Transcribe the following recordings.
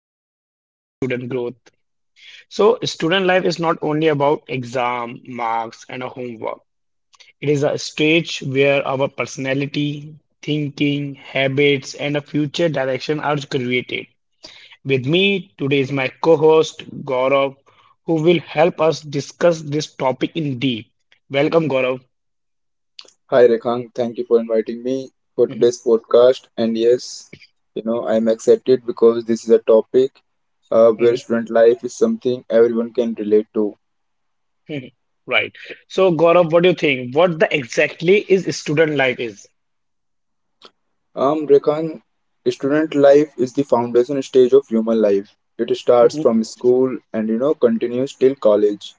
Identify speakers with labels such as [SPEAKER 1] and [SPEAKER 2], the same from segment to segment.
[SPEAKER 1] Student life and student growth. So, student life is not only about exam, marks, and a homework. It is a stage where our personality, thinking, habits, and a future direction are created. With me today is my co-host Gaurav, who will help us discuss this topic in deep. Welcome, Gaurav.
[SPEAKER 2] Hi Rekhan, thank you for inviting me for today's podcast. And yes, I'm excited because this is a topic where
[SPEAKER 1] Mhm,
[SPEAKER 2] student life is something everyone can relate to.
[SPEAKER 1] mhm. Right. So, Gaurav, what do you think? What the exactly is student life is?
[SPEAKER 2] Rekan, student life is the foundation stage of human life. It starts
[SPEAKER 1] Mhm,
[SPEAKER 2] from school and continues till college.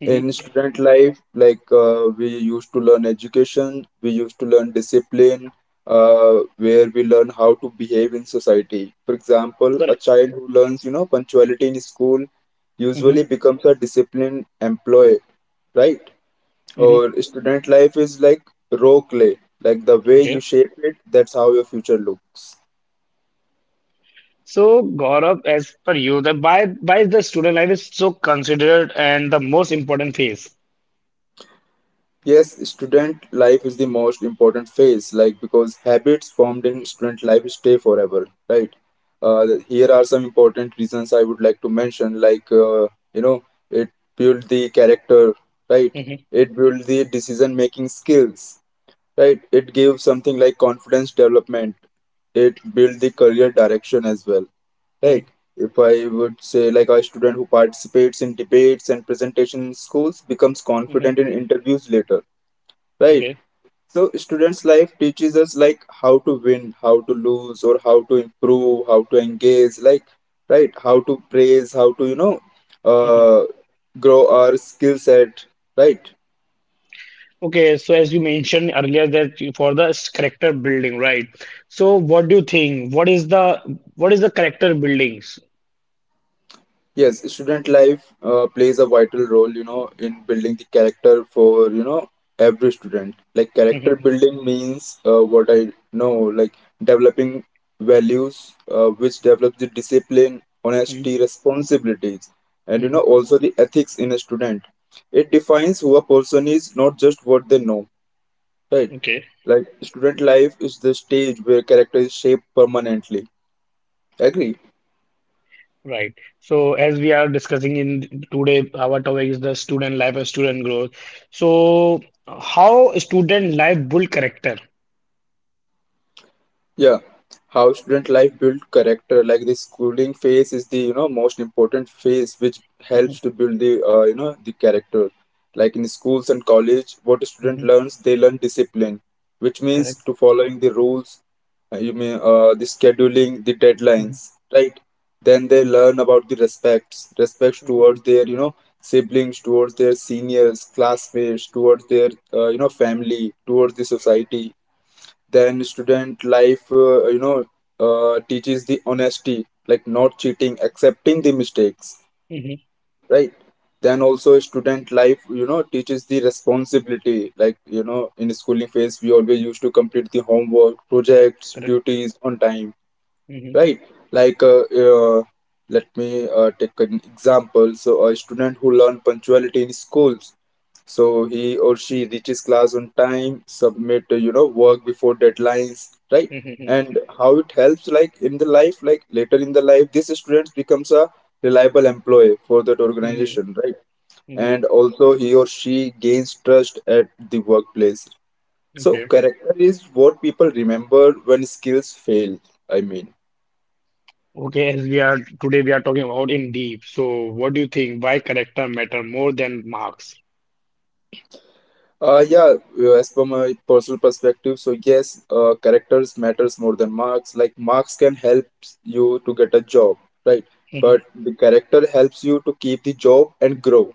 [SPEAKER 1] mhm.
[SPEAKER 2] In student life, we used to learn education, we used to learn discipline, where we learn how to behave in society. For example, a
[SPEAKER 1] Correct.
[SPEAKER 2] child who learns punctuality in school
[SPEAKER 1] Mhm,
[SPEAKER 2] usually becomes a disciplined employee, right?
[SPEAKER 1] mhm.
[SPEAKER 2] Or student life is like raw clay, like the way you
[SPEAKER 1] Okay.
[SPEAKER 2] shape it, that's how your future looks.
[SPEAKER 1] So, Gaurav, as per you, the why the student life is so considered and the most important phase?
[SPEAKER 2] Yes, student life is the most important phase, like because habits formed in student life stay forever, right? Here are some important reasons I would like to mention, you know, it built the character, right?
[SPEAKER 1] Mhm,
[SPEAKER 2] It built the decision making skills, right? It gave something like confidence development. It built the career direction as well.
[SPEAKER 1] mhm,
[SPEAKER 2] Like, if I would say, like, a student who participates in debates and presentation in schools becomes
[SPEAKER 1] mhm.
[SPEAKER 2] confident in interviews later, right?
[SPEAKER 1] Okay.
[SPEAKER 2] So, students' life teaches us, like, how to win, how to lose, or how to improve, how to engage, like, right? How to praise, how to,
[SPEAKER 1] Mhm.
[SPEAKER 2] uh, grow our skill set, right?
[SPEAKER 1] Okay. So, as you mentioned earlier, that for the character building, right? So, what do you think? What is the character buildings?
[SPEAKER 2] Yes, student life plays a vital role, you know, in building the character for, you know, every student. Like character
[SPEAKER 1] Mhm,
[SPEAKER 2] building means what I know, like developing values, which develops the discipline,
[SPEAKER 1] mhm,
[SPEAKER 2] honesty, responsibilities, and you know,
[SPEAKER 1] mhm.
[SPEAKER 2] also the ethics in a student. It defines who a person is, not just what they know, right?
[SPEAKER 1] Okay.
[SPEAKER 2] Like student life is the stage where character is shaped permanently. Agree?
[SPEAKER 1] Right. So as we are discussing in today, our topic is the student life and student growth. So how student life build character?
[SPEAKER 2] Yeah, how student life build character. Like the schooling phase is the most important phase which
[SPEAKER 1] Hmm.
[SPEAKER 2] helps to build the the character. Like in schools and college, what a student
[SPEAKER 1] Hmm.
[SPEAKER 2] learns, they learn discipline, which means
[SPEAKER 1] Correct.
[SPEAKER 2] to following the rules. You may the scheduling, the
[SPEAKER 1] Hmm.
[SPEAKER 2] deadlines, right? Then they learn about the respects, respects
[SPEAKER 1] Hmm.
[SPEAKER 2] towards their siblings, towards their seniors, classmates, towards their family, towards the society, then student life teaches the honesty, like not cheating, accepting the mistakes,
[SPEAKER 1] Hmm.
[SPEAKER 2] right? Then also student life teaches the responsibility, like in schooling phase we always used to complete the homework, projects,
[SPEAKER 1] Correct.
[SPEAKER 2] duties on time,
[SPEAKER 1] Hmm.
[SPEAKER 2] right? Like let me take an example. So a student who learn punctuality in schools, so he or she reaches class on time, submit work before deadlines, right?
[SPEAKER 1] Hmm.
[SPEAKER 2] And how it helps, like in the life, like later in the life this student becomes a reliable employee for that
[SPEAKER 1] Hmm.
[SPEAKER 2] organization, right?
[SPEAKER 1] Hmm.
[SPEAKER 2] And also he or she gains trust at the workplace. So
[SPEAKER 1] Okay.
[SPEAKER 2] character is what people remember when skills fail, I mean.
[SPEAKER 1] Okay. As we are today, we are talking about in deep. So what do you think? Why character matter more than marks?
[SPEAKER 2] Uh, yeah, as per my personal perspective, so yes, characters matters more than marks. Like marks can help you to get a job, right?
[SPEAKER 1] Hmm.
[SPEAKER 2] But the character helps you to keep the job and grow,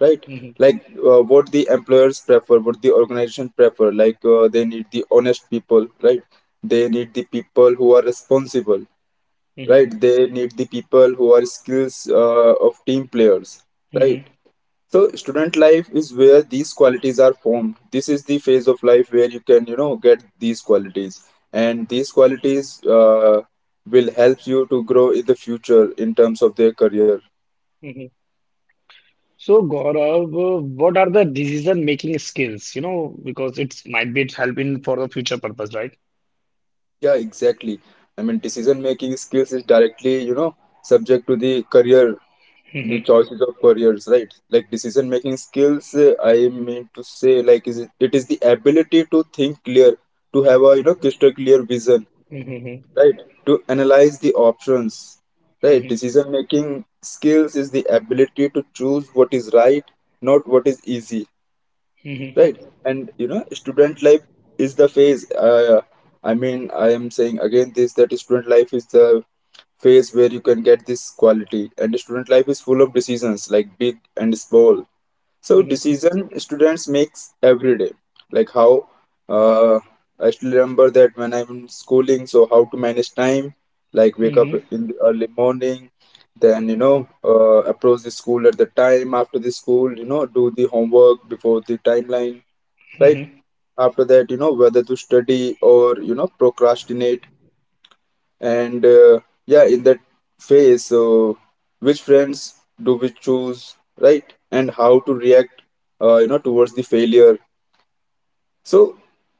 [SPEAKER 2] right?
[SPEAKER 1] Hmm.
[SPEAKER 2] Like what the employers prefer, what the organization prefer. Like they need the honest people, right? They need the people who are responsible, right? They need the people who are skills of team players, right?
[SPEAKER 1] Hmm.
[SPEAKER 2] So student life is where these qualities are formed. This is the phase of life where you can, you know, get these qualities, and these qualities will help you to grow in the future in terms of their career.
[SPEAKER 1] Hmm. So, Gaurav, what are the decision-making skills? You know, because it's might be it's helping for the future purpose, right?
[SPEAKER 2] Yeah, exactly. I mean, decision making skills is directly, you know, subject to the career, the
[SPEAKER 1] Mhm,
[SPEAKER 2] choices of careers, right? Like decision making skills, I mean to say, like, it is the ability to think clear, to have a, you know, crystal clear vision,
[SPEAKER 1] mhm, mhm,
[SPEAKER 2] right? To analyze the options, right?
[SPEAKER 1] mhm,
[SPEAKER 2] Decision making skills is the ability to choose what is right, not what is easy,
[SPEAKER 1] mhm,
[SPEAKER 2] right? And student life is the phase, I mean I am saying again this, that student life is the phase where you can get this quality, and student life is full of decisions, like big and small. So decision students makes every day, like how, uh, I still remember that when I'm schooling, so how to manage time, like wake up
[SPEAKER 1] mhm,
[SPEAKER 2] in the early morning, then approach the school at the time, after the school, you know, do the homework before the timeline, right?
[SPEAKER 1] mhm,
[SPEAKER 2] After that, you know, whether to study or procrastinate, and yeah, in that phase, so which friends do we choose, right? And how to react towards the failure. So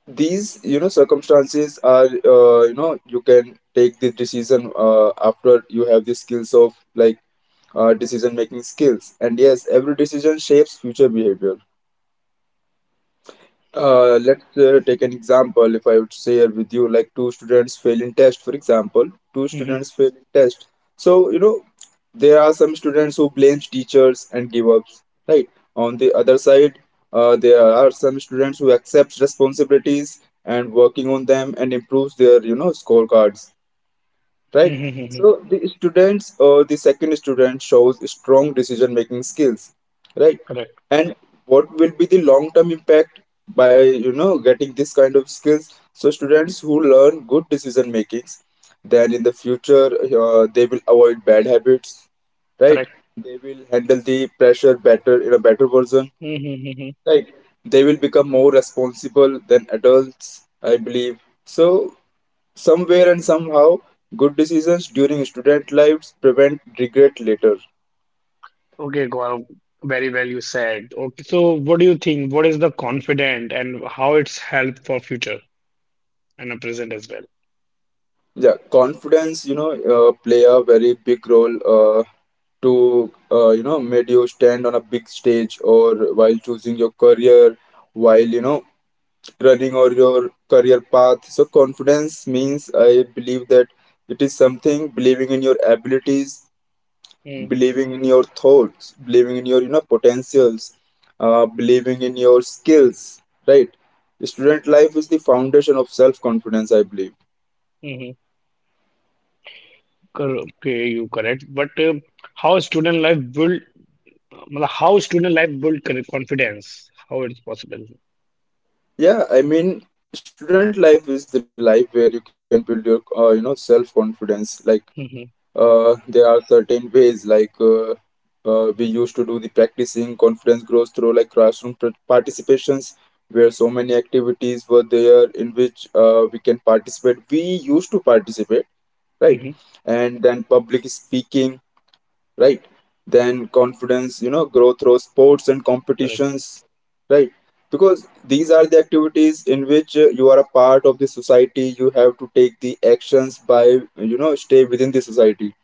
[SPEAKER 2] these, you know, circumstances are, you can take this decision after you have the skills of, like, decision making skills. And yes, every decision shapes future behavior. Let's take an example. If I would share with you, like two students fail in test, for example, two
[SPEAKER 1] mhm,
[SPEAKER 2] students fail in test. So you know, there are some students who blames teachers and give up. Right. On the other side, there are some students who accept responsibilities and working on them and improves their scorecards, right?
[SPEAKER 1] mhm, mhm.
[SPEAKER 2] So the students, the second student shows strong decision making skills, right?
[SPEAKER 1] Correct,
[SPEAKER 2] And what will be the long term impact by getting this kind of skills? So students who learn good decision makings, then in the future they will avoid bad habits, right?
[SPEAKER 1] correct.
[SPEAKER 2] They will handle the pressure better, in a better version,
[SPEAKER 1] Mhm, mhm.
[SPEAKER 2] right? They will become more responsible than adults, I believe. So somewhere and somehow, good decisions during student lives prevent regret later.
[SPEAKER 1] Okay, Gaurav, very well you said. Okay, so what do you think? What is the confident and how it's help for future and the present as well?
[SPEAKER 2] Yeah, confidence, you know, play a very big role, uh, you know, made you stand on a big stage or while choosing your career, while, you know, running or your career path. So confidence means I believe that it is something believing in your abilities, believing in your thoughts, believing in your, you know, potentials, believing in your skills, right? Student life is the foundation of self confidence, I believe.
[SPEAKER 1] Mm-hmm. Okay, you correct. But how student life will मतलब how student life build confidence how it's possible?
[SPEAKER 2] Yeah, I mean student life is the life where you can build your self confidence, like
[SPEAKER 1] Mm-hmm,
[SPEAKER 2] there are certain ways, like we used to do the practicing. Confidence grows through like classroom participations, where so many activities were there in which we can participate, we used to participate, right?
[SPEAKER 1] mm-hmm,
[SPEAKER 2] And then public speaking, right? Then confidence, you know, grow through sports and
[SPEAKER 1] correct,
[SPEAKER 2] competitions, right? Because these are the activities in which you are a part of the society, you have to take the actions by, you know, stay within the society.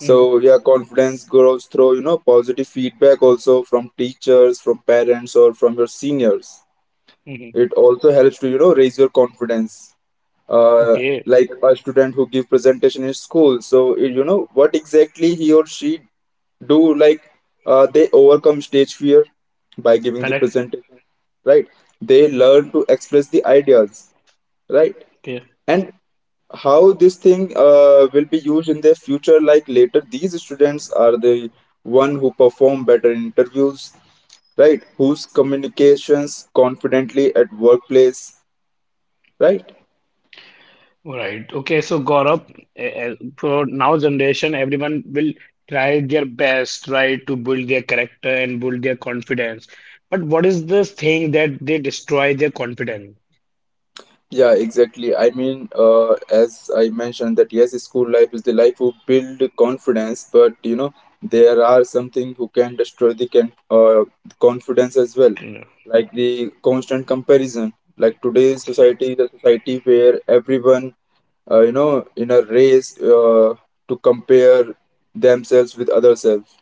[SPEAKER 1] mm-hmm,
[SPEAKER 2] yeah, confidence grows through, you know, positive feedback also from teachers, from parents, or from your seniors.
[SPEAKER 1] mm-hmm.
[SPEAKER 2] It also helps to, you know, raise your confidence. uh,
[SPEAKER 1] Okay,
[SPEAKER 2] like a student who give presentation in school, so you know what exactly he or she do, like they overcome stage fear by giving the
[SPEAKER 1] correct,
[SPEAKER 2] presentation, right? They learn to express the ideas, right?
[SPEAKER 1] okay,
[SPEAKER 2] And how this thing will be used in their future, like later these students are the one who perform better in interviews, right? Whose communications confidently at workplace, right?
[SPEAKER 1] all right, okay. So Gaurav, for now generation everyone will try their best, try to build their character and build their confidence, but what is the thing that they destroy their confidence?
[SPEAKER 2] Yeah, exactly. I mean, as I mentioned that yes, school life is the life who build confidence, but you know there are something who can destroy the can confidence as well,
[SPEAKER 1] Yeah,
[SPEAKER 2] like the constant comparison. Like today's
[SPEAKER 1] okay,
[SPEAKER 2] society, the society where everyone in a race to compare themselves with other self.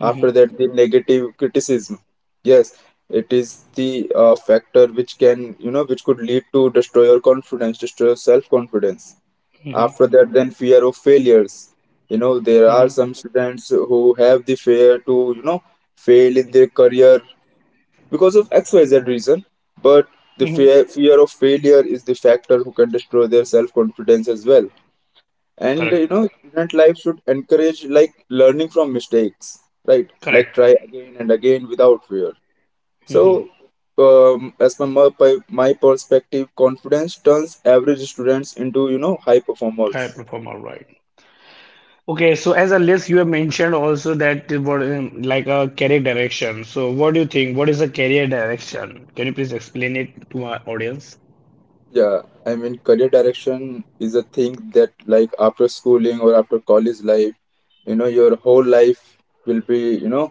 [SPEAKER 2] After that, the negative criticism. Yes, it is the factor which can, you know, which could lead to destroy your confidence, destroy your self-confidence.
[SPEAKER 1] mm-hmm,
[SPEAKER 2] After that, then fear of failures. You know, there are
[SPEAKER 1] mm-hmm,
[SPEAKER 2] some students who have the fear to, you know, fail in their career because of XYZ reason, but the
[SPEAKER 1] mm-hmm.
[SPEAKER 2] fear of failure is the factor who can destroy their self-confidence as well. And
[SPEAKER 1] Correct,
[SPEAKER 2] you know student life should encourage like learning from mistakes, right?
[SPEAKER 1] correct.
[SPEAKER 2] Like try again and again without fear. So
[SPEAKER 1] Mm-hmm.
[SPEAKER 2] as per my perspective, confidence turns average students into, you know, high
[SPEAKER 1] I
[SPEAKER 2] performers.
[SPEAKER 1] perform all right. Okay, so as a list, you have mentioned also that the what like a career direction. So what do you think? What is a career direction? Can you please explain it to our audience?
[SPEAKER 2] Yeah, I mean career direction is a thing that, like after schooling or after college life, you know, your whole life will be, you know,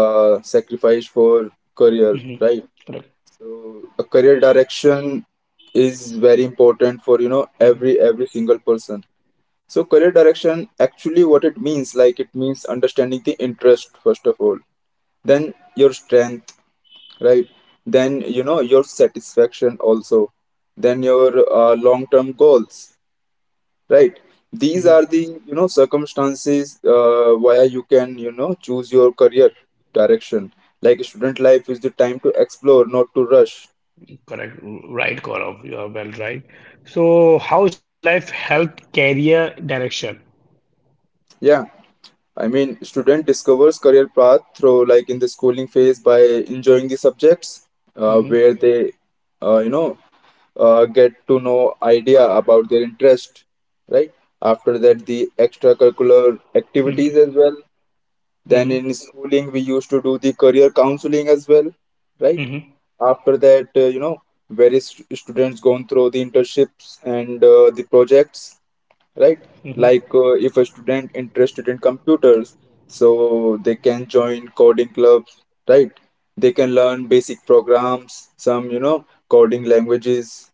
[SPEAKER 2] sacrificed for career,
[SPEAKER 1] Hmm.
[SPEAKER 2] right?
[SPEAKER 1] Correct.
[SPEAKER 2] So a career direction is very important for, you know,
[SPEAKER 1] Hmm.
[SPEAKER 2] every single person. So career direction actually what it means, like it means understanding the interest first of all, then your strength, right? Then, you know, your satisfaction also, then your long term goals, right? These
[SPEAKER 1] Hmm.
[SPEAKER 2] are the, you know, circumstances why you can, you know, choose your career direction. Like student life is the time to explore, not to rush.
[SPEAKER 1] Correct. Right, Gaurav. You are well right. So how student life help career direction?
[SPEAKER 2] Yeah I mean, student discovers career path through, like, in the schooling phase by enjoying the subjects
[SPEAKER 1] Hmm.
[SPEAKER 2] where they, uh, you know, get to know idea about their interest, right? After that, the extracurricular
[SPEAKER 1] Hmm.
[SPEAKER 2] activities as well. Then
[SPEAKER 1] Hmm.
[SPEAKER 2] in schooling, we used to do the career counseling as well, right?
[SPEAKER 1] Hmm.
[SPEAKER 2] After that, various students gone through the internships and the projects, right?
[SPEAKER 1] Hmm.
[SPEAKER 2] Like, if a student interested in computers, so they can join coding clubs, right? They can learn basic programs, some, you know, coding languages,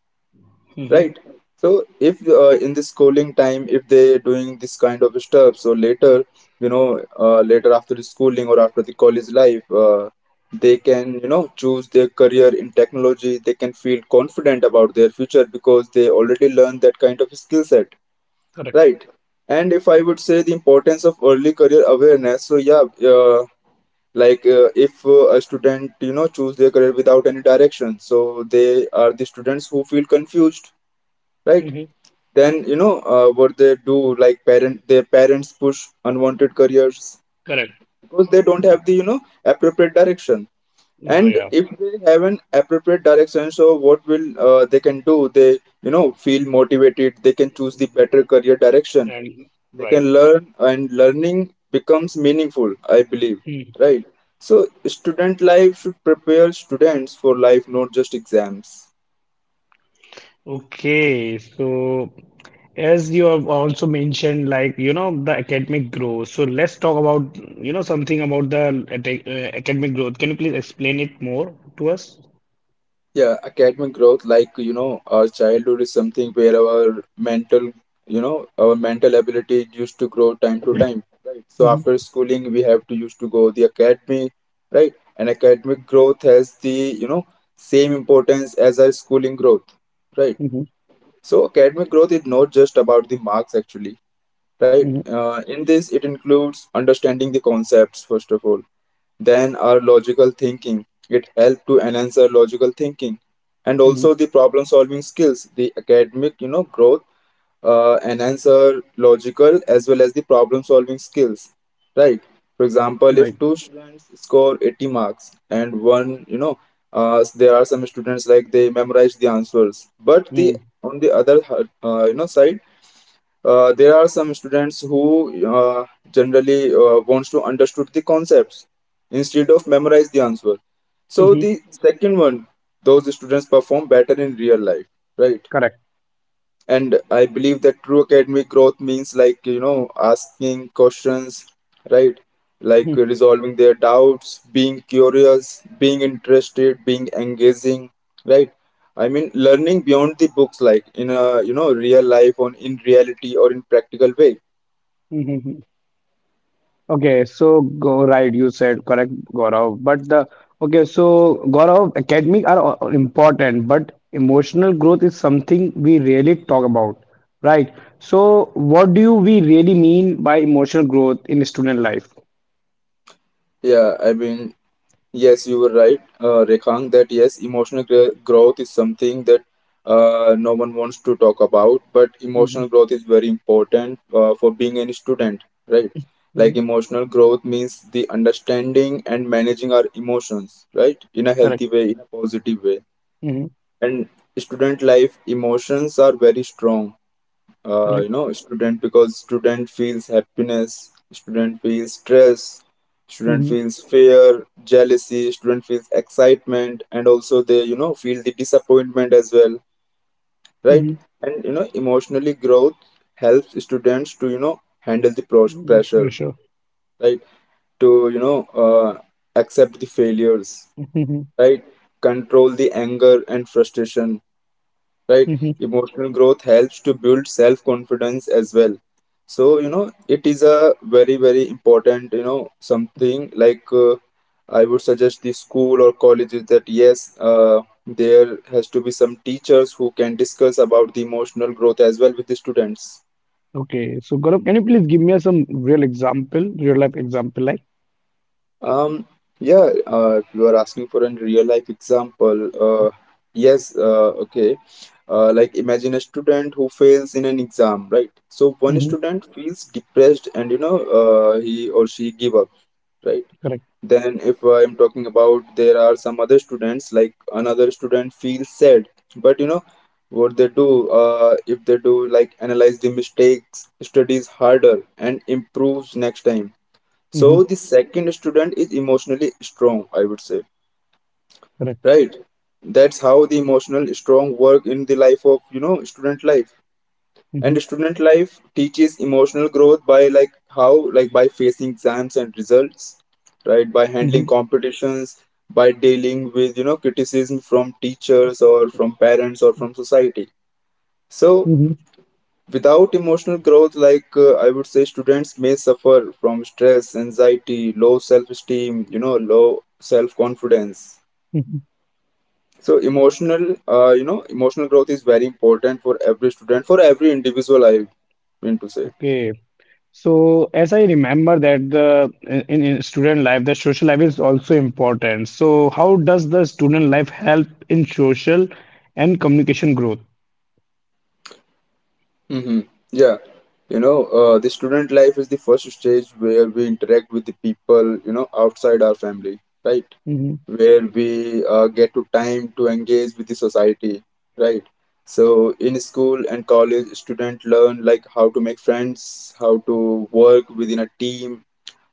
[SPEAKER 1] Hmm.
[SPEAKER 2] right? So if, in the schooling time, if they doing this kind of stuff, so later, later after the schooling or after the college life. They can, you know, choose their career in technology, they can feel confident about their future because they already learned that kind of skill set,
[SPEAKER 1] Correct.
[SPEAKER 2] right. And if I would say the importance of early career awareness, so yeah, uh, like, if, a student, you know, choose their career without any direction, so they are the students who feel confused, right.
[SPEAKER 1] Hmm.
[SPEAKER 2] Then, what they do, like parent their parents push unwanted careers
[SPEAKER 1] Correct.
[SPEAKER 2] because they don't have the, you know, appropriate direction.
[SPEAKER 1] Ah,
[SPEAKER 2] And
[SPEAKER 1] yeah.
[SPEAKER 2] if they have an appropriate direction, so what will, they can do, they, you know, feel motivated, they can choose the better career direction,
[SPEAKER 1] And
[SPEAKER 2] they
[SPEAKER 1] right.
[SPEAKER 2] can learn, and learning becomes meaningful, I believe,
[SPEAKER 1] Hmm.
[SPEAKER 2] right. So student life should prepare students for life, not just exams.
[SPEAKER 1] Okay. So. As you have also mentioned, like, you know, the academic growth. So let's talk about, you know, something about the academic growth. Can you please explain it more to us?
[SPEAKER 2] Yeah, academic growth, like, you know, our childhood is something where our mental, our mental ability used to grow time to time, right. So
[SPEAKER 1] Mm-hmm,
[SPEAKER 2] after schooling we have to used to go the academy, right. And academic growth has the, you know, same importance as our schooling growth, right.
[SPEAKER 1] mm-hmm,
[SPEAKER 2] So academic growth is not just about the marks actually, right.
[SPEAKER 1] mm-hmm,
[SPEAKER 2] In this it includes understanding the concepts first of all, then our logical thinking, it helps to enhance our logical thinking and
[SPEAKER 1] mm-hmm.
[SPEAKER 2] also the problem solving skills. The academic, you know, growth enhance our logical as well as the problem solving skills, right. For example, if
[SPEAKER 1] Right.
[SPEAKER 2] two students score 80 marks and one, you know, there are some students like they memorize the answers, but the on the other side, there are some students who uh, generally wants to understood the concepts instead of memorize the answer, so
[SPEAKER 1] Mm-hmm.
[SPEAKER 2] the second one, those students perform better in real life, right.
[SPEAKER 1] Correct.
[SPEAKER 2] And I believe that true academic growth means, like, you know, asking questions, right, like resolving their doubts, being curious, being interested, being engaging, right. I mean learning beyond the books, like in a, you know, real life on in reality or in practical way.
[SPEAKER 1] Okay, so go right, you said correct, Gaurav. But the okay, so Gaurav, academic are important, but
[SPEAKER 2] Mhm.
[SPEAKER 1] emotional growth is something we rarely talk about, right? So, what do you, we really mean by emotional growth in student life?
[SPEAKER 2] yeah i mean Yes, you were right, Rekhang, that yes, emotional growth is something that no one wants to talk about, but
[SPEAKER 1] Mm-hmm.
[SPEAKER 2] emotional growth is very important for being any student, right? Like
[SPEAKER 1] Mm-hmm.
[SPEAKER 2] emotional growth means the understanding and managing our emotions, right? In a
[SPEAKER 1] Correct.
[SPEAKER 2] healthy way, in a positive way.
[SPEAKER 1] Mm-hmm.
[SPEAKER 2] And student life, emotions are very strong,
[SPEAKER 1] Correct.
[SPEAKER 2] student, because student feels happiness, student feels stress, student
[SPEAKER 1] Mm-hmm.
[SPEAKER 2] feels fear, jealousy, student feels excitement, and also they, you know, feel the disappointment as well, right. And, you know, emotionally growth helps students to, you know, handle the
[SPEAKER 1] Mm-hmm.
[SPEAKER 2] pressure,
[SPEAKER 1] Pressure.
[SPEAKER 2] right, to, you know, uh, accept the failures,
[SPEAKER 1] Mm-hmm.
[SPEAKER 2] right, control the anger and frustration, right.
[SPEAKER 1] Mm-hmm.
[SPEAKER 2] Emotional growth helps to build self confidence as well. So, you know, it is a very, very important, you know, something, like, I would suggest the school or colleges that yes, uh, there has to be some teachers who can discuss about the emotional growth as well with the students.
[SPEAKER 1] Okay, so Gaurav, can you please give me some real example, real life example, like?
[SPEAKER 2] Um, yeah, you are asking for a real life example. Yes, okay. Like, imagine a student who fails in an exam, right? So one
[SPEAKER 1] Mm-hmm.
[SPEAKER 2] student feels depressed and, you know, he or she give up, right?
[SPEAKER 1] Correct.
[SPEAKER 2] Then if I'm talking about, there are some other students, like, another student feels sad, but, you know, what they do, if they do like analyze the mistakes, studies harder and improves next time,
[SPEAKER 1] Mm-hmm.
[SPEAKER 2] so the second student is emotionally strong, I would say,
[SPEAKER 1] Correct.
[SPEAKER 2] right? That's how the emotional strong work in the life of, you know, student life.
[SPEAKER 1] Mm-hmm.
[SPEAKER 2] And student life teaches emotional growth by, like, how, like by facing exams and results, right? By handling
[SPEAKER 1] Mm-hmm.
[SPEAKER 2] competitions, by dealing with, you know, criticism from teachers or from parents or from society. So
[SPEAKER 1] Mm-hmm.
[SPEAKER 2] without emotional growth, like, I would say, students may suffer from stress, anxiety, low self esteem, you know, low self confidence. So emotional, emotional growth is very important for every student, for every individual, I mean to say.
[SPEAKER 1] Okay, so as I remember that the in student life, the social life is also important. So how does the student life help in social and communication growth?
[SPEAKER 2] Mm-hmm. Yeah, you know, the student life is the first stage where we interact with the people, you know, outside our family, right?
[SPEAKER 1] Hmm.
[SPEAKER 2] Where we get to time to engage with the society, right? So in school and college, student learn like how to make friends, how to work within a team,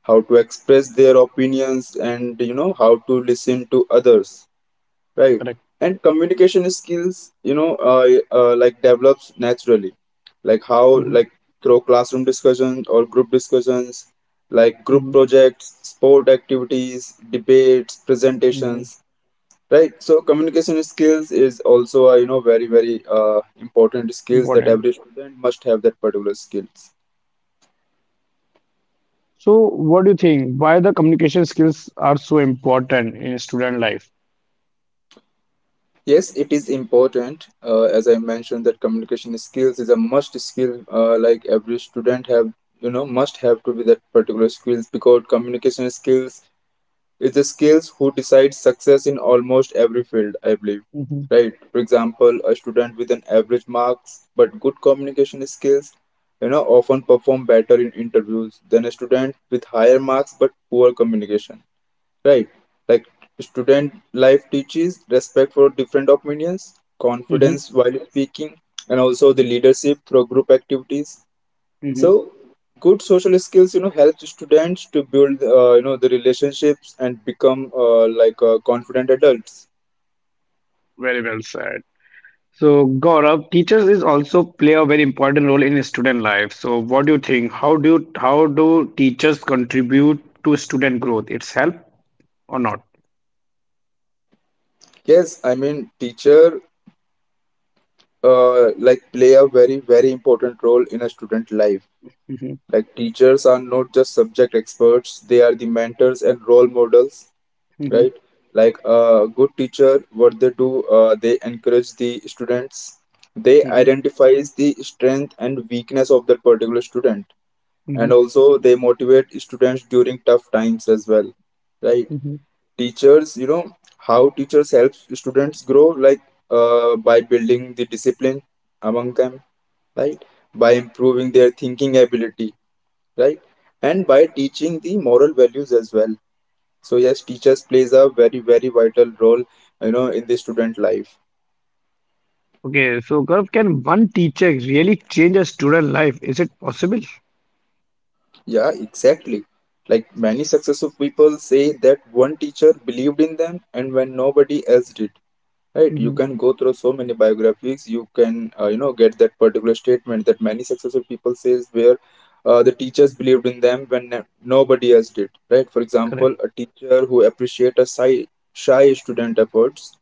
[SPEAKER 2] how to express their opinions, and, you know, how to listen to others, right.
[SPEAKER 1] Correct.
[SPEAKER 2] And communication skills, you know uh, like develops naturally, like how,
[SPEAKER 1] Hmm.
[SPEAKER 2] like through classroom discussions or group discussions, like group
[SPEAKER 1] Hmm.
[SPEAKER 2] projects, sport activities, debates,
[SPEAKER 1] Hmm.
[SPEAKER 2] presentations, right. So communication skills is also a, you know, very, very, important skills that
[SPEAKER 1] Important.
[SPEAKER 2] every student must have, that particular skills.
[SPEAKER 1] So, what do you think? Why the communication skills are so important in student life?
[SPEAKER 2] Yes, it is important. As I mentioned, that communication skills is a must skill. Like every student have, you know, must have to be that particular skills because communication skills is the skills who decide success in almost every field, I believe,
[SPEAKER 1] Mm-hmm.
[SPEAKER 2] right? For example, a student with an average marks but good communication skills, you know, often perform better in interviews than a student with higher marks but poor communication, right. Like, student life teaches respect for different opinions,
[SPEAKER 1] Mm-hmm.
[SPEAKER 2] confidence while speaking, and also the leadership through group activities. So
[SPEAKER 1] Mm-hmm.
[SPEAKER 2] good social skills, you know, helps students to build, you know, the relationships and become, confident adults.
[SPEAKER 1] Very well said. So, Gaurav, teachers is also play a very important role in student life. So, what do you think? How do teachers contribute to student growth? It's help or not?
[SPEAKER 2] Yes I mean teacher Like, play a very, very important role in a student life.
[SPEAKER 1] Hmm.
[SPEAKER 2] Like, teachers are not just subject experts, they are the mentors and role models,
[SPEAKER 1] Hmm.
[SPEAKER 2] right? Like a good teacher, what they do, they encourage the students. They
[SPEAKER 1] Hmm.
[SPEAKER 2] identifies the strength and weakness of that particular student, and
[SPEAKER 1] Hmm.
[SPEAKER 2] also they motivate students during tough times as well, right?
[SPEAKER 1] Hmm.
[SPEAKER 2] Teachers, you know, how teachers help students grow, like, by building the discipline among them, right? By improving their thinking ability, right? And by teaching the moral values as well. So yes, teachers plays a very, very vital role, you know, in the student life.
[SPEAKER 1] Okay, so Gaurav, can one teacher really change a student life? Is it possible?
[SPEAKER 2] Yeah, exactly. Like, many successful people say that one teacher believed in them, and when nobody else did, right? You
[SPEAKER 1] Hmm.
[SPEAKER 2] can go through so many biographies. You can, you know, get that particular statement that many successful people says where the teachers believed in them when nobody else did, right? For example,
[SPEAKER 1] Correct.
[SPEAKER 2] a teacher who appreciate a shy student efforts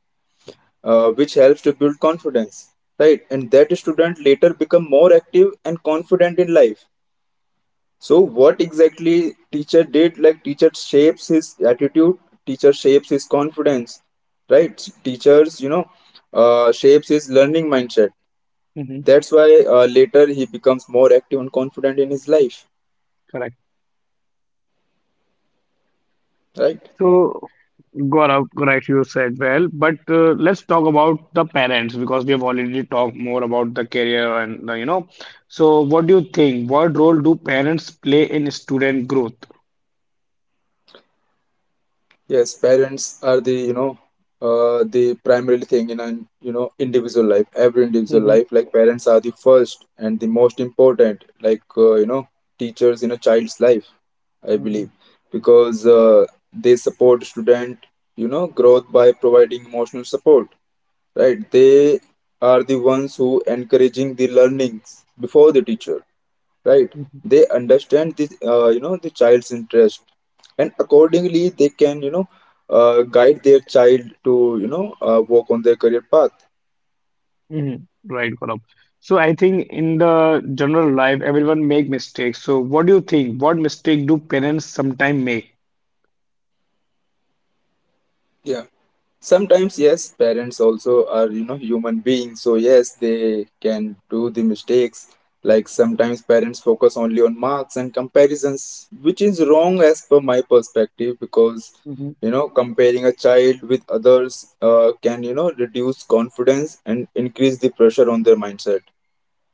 [SPEAKER 2] which helps to build confidence, right. And that student later become more active and confident in life. So what exactly teacher did, like, teacher shapes his attitude, teacher shapes his confidence, right. Teachers, you know, shapes his learning mindset,
[SPEAKER 1] Hmm.
[SPEAKER 2] that's why, later he becomes more active and confident in his life,
[SPEAKER 1] Correct.
[SPEAKER 2] right.
[SPEAKER 1] So, Gaurav, correct, you said well, but let's talk about the parents because we have already talked more about the career and the, you know. So, what do you think? What role do parents play in student growth?
[SPEAKER 2] Yes, parents are the, you know, the primary thing in an, you know, individual life. Every individual
[SPEAKER 1] Hmm.
[SPEAKER 2] life, like parents are the first and the most important, like, you know, teachers in a child's life, I
[SPEAKER 1] Hmm.
[SPEAKER 2] believe, because, they support student, you know, growth by providing emotional support. Right, they are the ones who encouraging the learnings before the teacher, right.
[SPEAKER 1] Hmm.
[SPEAKER 2] They understand this, you know, the child's interest, and accordingly they can, you know, guide their child to, you know, walk on their career path.
[SPEAKER 1] Hmm. Right, Gaurav. So, I think in the general life, everyone make mistakes. So, what do you think? What mistake do parents sometimes make?
[SPEAKER 2] yeah Sometimes, yes, parents also are, you know, human beings. So yes, they can do the mistakes. Like sometimes parents focus only on marks and comparisons, which is wrong as per my perspective because,
[SPEAKER 1] Hmm.
[SPEAKER 2] you know, comparing a child with others can, you know, reduce confidence and increase the pressure on their mindset.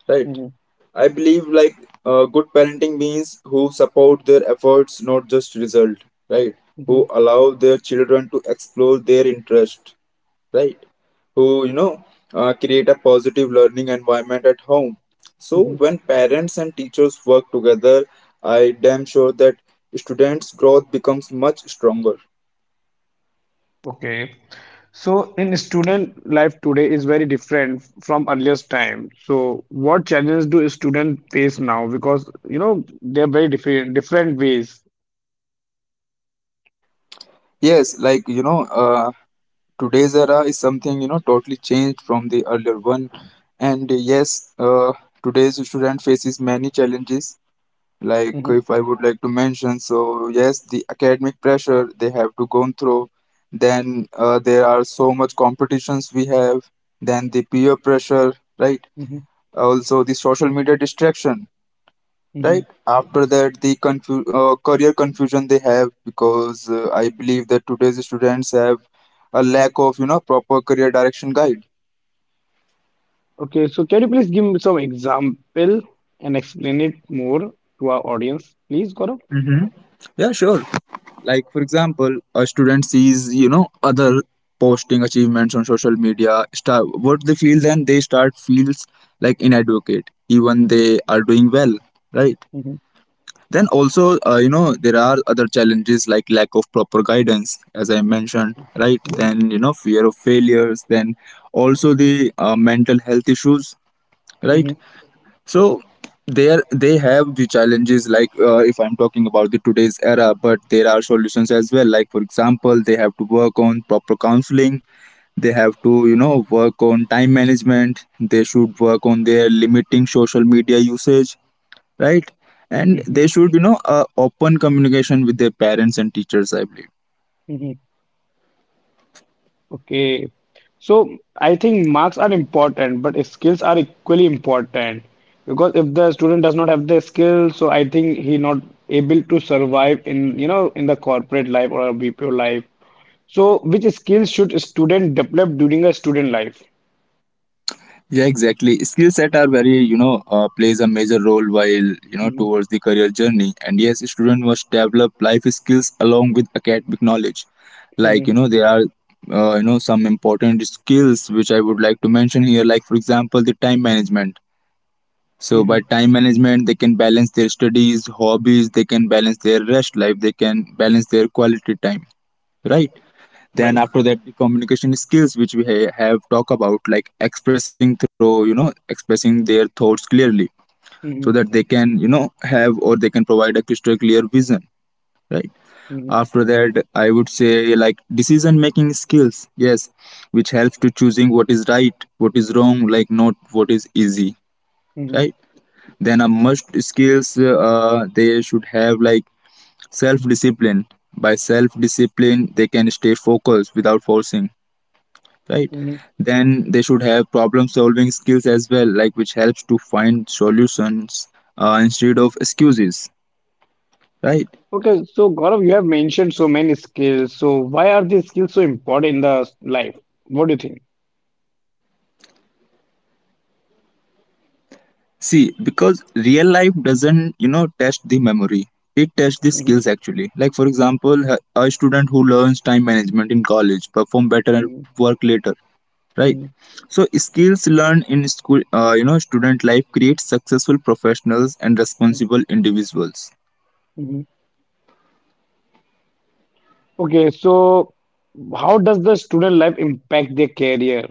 [SPEAKER 2] Right.
[SPEAKER 1] Hmm.
[SPEAKER 2] I believe, like, good parenting means who support their efforts, not just result, right? Who allow their children to explore their interest, right? Who, you know, create a positive learning environment at home. So
[SPEAKER 1] Hmm.
[SPEAKER 2] when parents and teachers work together, I damn sure that students' growth becomes much stronger.
[SPEAKER 1] Okay. So in student life today is very different from earliest time. So what challenges do students face now? Because you know they're very different different ways.
[SPEAKER 2] Yes, like you know, today's era is something you know totally changed from the earlier one, and today's student faces many challenges. Like if
[SPEAKER 1] Hmm.
[SPEAKER 2] I would like to mention, so yes, the academic pressure they have to go through, then there are so much competitions we have, then the peer pressure, right?
[SPEAKER 1] Hmm.
[SPEAKER 2] Also the social media distraction,
[SPEAKER 1] Hmm.
[SPEAKER 2] right? After that the career confusion they have, because I believe that today's students have a lack of you know proper career direction guide.
[SPEAKER 1] Okay, so can you please give me some example and explain it more to our audience, please, Gaurav?
[SPEAKER 2] Mm-hmm. Yeah, sure. Like for example, a student sees you know other posting achievements on social media, start what they feel, then they start feels like inadequate even they are doing well, right?
[SPEAKER 1] Mhm,
[SPEAKER 2] Then also you know, there are other challenges like lack of proper guidance, as I mentioned,
[SPEAKER 1] mhm,
[SPEAKER 2] right? Then you know, fear of failures, then also the mental health issues,
[SPEAKER 1] mhm,
[SPEAKER 2] right? So there they have the challenges, like if I'm talking about the today's era, but there are solutions as well. Like for example, they have to work on proper counseling. They have to you know work on time management. They should work on their limiting social media usage, right? And
[SPEAKER 1] mhm,
[SPEAKER 2] they should you know open communication with their parents and teachers, I believe.
[SPEAKER 1] mhm. Okay. So I think marks are important, but skills are equally important, because if the student does not have the skill, so I think he not able to survive in, you know, in the corporate life or a BPO life. So, which skills should a student develop during a student life?
[SPEAKER 2] Yeah, exactly. Skill set are very, you know, plays a major role while, you know,
[SPEAKER 1] Mhm,
[SPEAKER 2] towards the career journey. And yes, student must develop life skills along with academic knowledge. Like, you
[SPEAKER 1] mhm,
[SPEAKER 2] know, there are, you know, some important skills which I would like to mention here. Like, for example, the time management. So by
[SPEAKER 1] mhm,
[SPEAKER 2] time management, they can balance their studies, hobbies, they can balance their rest life, they can balance their quality time, right? Then
[SPEAKER 1] right.
[SPEAKER 2] after that, the communication skills which we have talked about, like expressing through you know expressing their thoughts clearly, so that
[SPEAKER 1] Mhm,
[SPEAKER 2] they can you know have or they can provide a crystal clear vision, right?
[SPEAKER 1] mhm,
[SPEAKER 2] After that I would say like decision making skills, yes, which helps to choosing what is right, what is wrong, like not what is easy,
[SPEAKER 1] mhm,
[SPEAKER 2] right? Then a must skills they should have, like self discipline. By self discipline they can stay focused without forcing, right?
[SPEAKER 1] mhm.
[SPEAKER 2] Then they should have problem solving skills as well, like which helps to find solutions instead of excuses, right?
[SPEAKER 1] Okay, so Gaurav, you have mentioned so many skills. So, why are these skills so important in the life? What do you think?
[SPEAKER 2] See, because real life doesn't you know test the memory, it tests the
[SPEAKER 1] Mhm,
[SPEAKER 2] skills actually. Like for example, a student who learns time management in college perform better at
[SPEAKER 1] mhm,
[SPEAKER 2] work later, right?
[SPEAKER 1] mhm,
[SPEAKER 2] So skills learned in school, you know, student life, creates successful professionals and
[SPEAKER 1] mhm,
[SPEAKER 2] responsible individuals.
[SPEAKER 1] mhm. Okay, so how does the student life impact their career?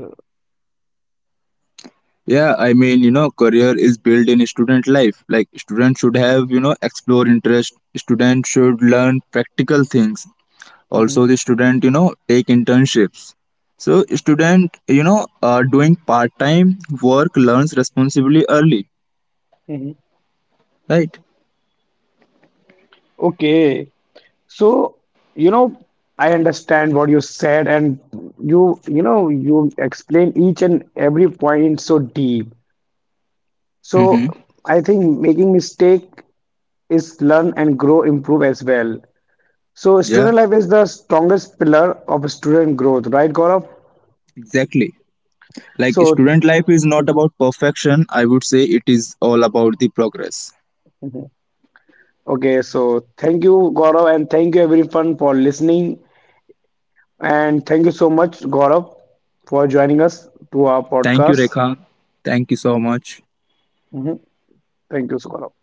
[SPEAKER 2] Yeah, I mean, you know, career is built in student life. Like, students should have, you know, explore interest. Students should learn practical things. Also,
[SPEAKER 1] Mhm,
[SPEAKER 2] the student, you know, take internships. So, student, you know, doing part time work learns responsibly early,
[SPEAKER 1] mhm.
[SPEAKER 2] right?
[SPEAKER 1] Okay. So, you know, I understand what you said, and you explain each and every point so deep.
[SPEAKER 2] Mm-hmm.
[SPEAKER 1] So, I think making mistake is learn and grow, improve as well. So,
[SPEAKER 2] Yeah,
[SPEAKER 1] student life is the strongest pillar of student growth, right, Gaurav?
[SPEAKER 2] exactly. Like,
[SPEAKER 1] So,
[SPEAKER 2] student life is not
[SPEAKER 1] mhm,
[SPEAKER 2] about perfection. I would say it is all about the progress.
[SPEAKER 1] mhm. Okay, so thank you, Gaurav, and thank you everyone for listening, and thank you so much, Gaurav, for joining us to our
[SPEAKER 2] Thank you,
[SPEAKER 1] podcast.
[SPEAKER 2] Rekha. Thank you so much.
[SPEAKER 1] Mhm. Thank you, so Gaurav.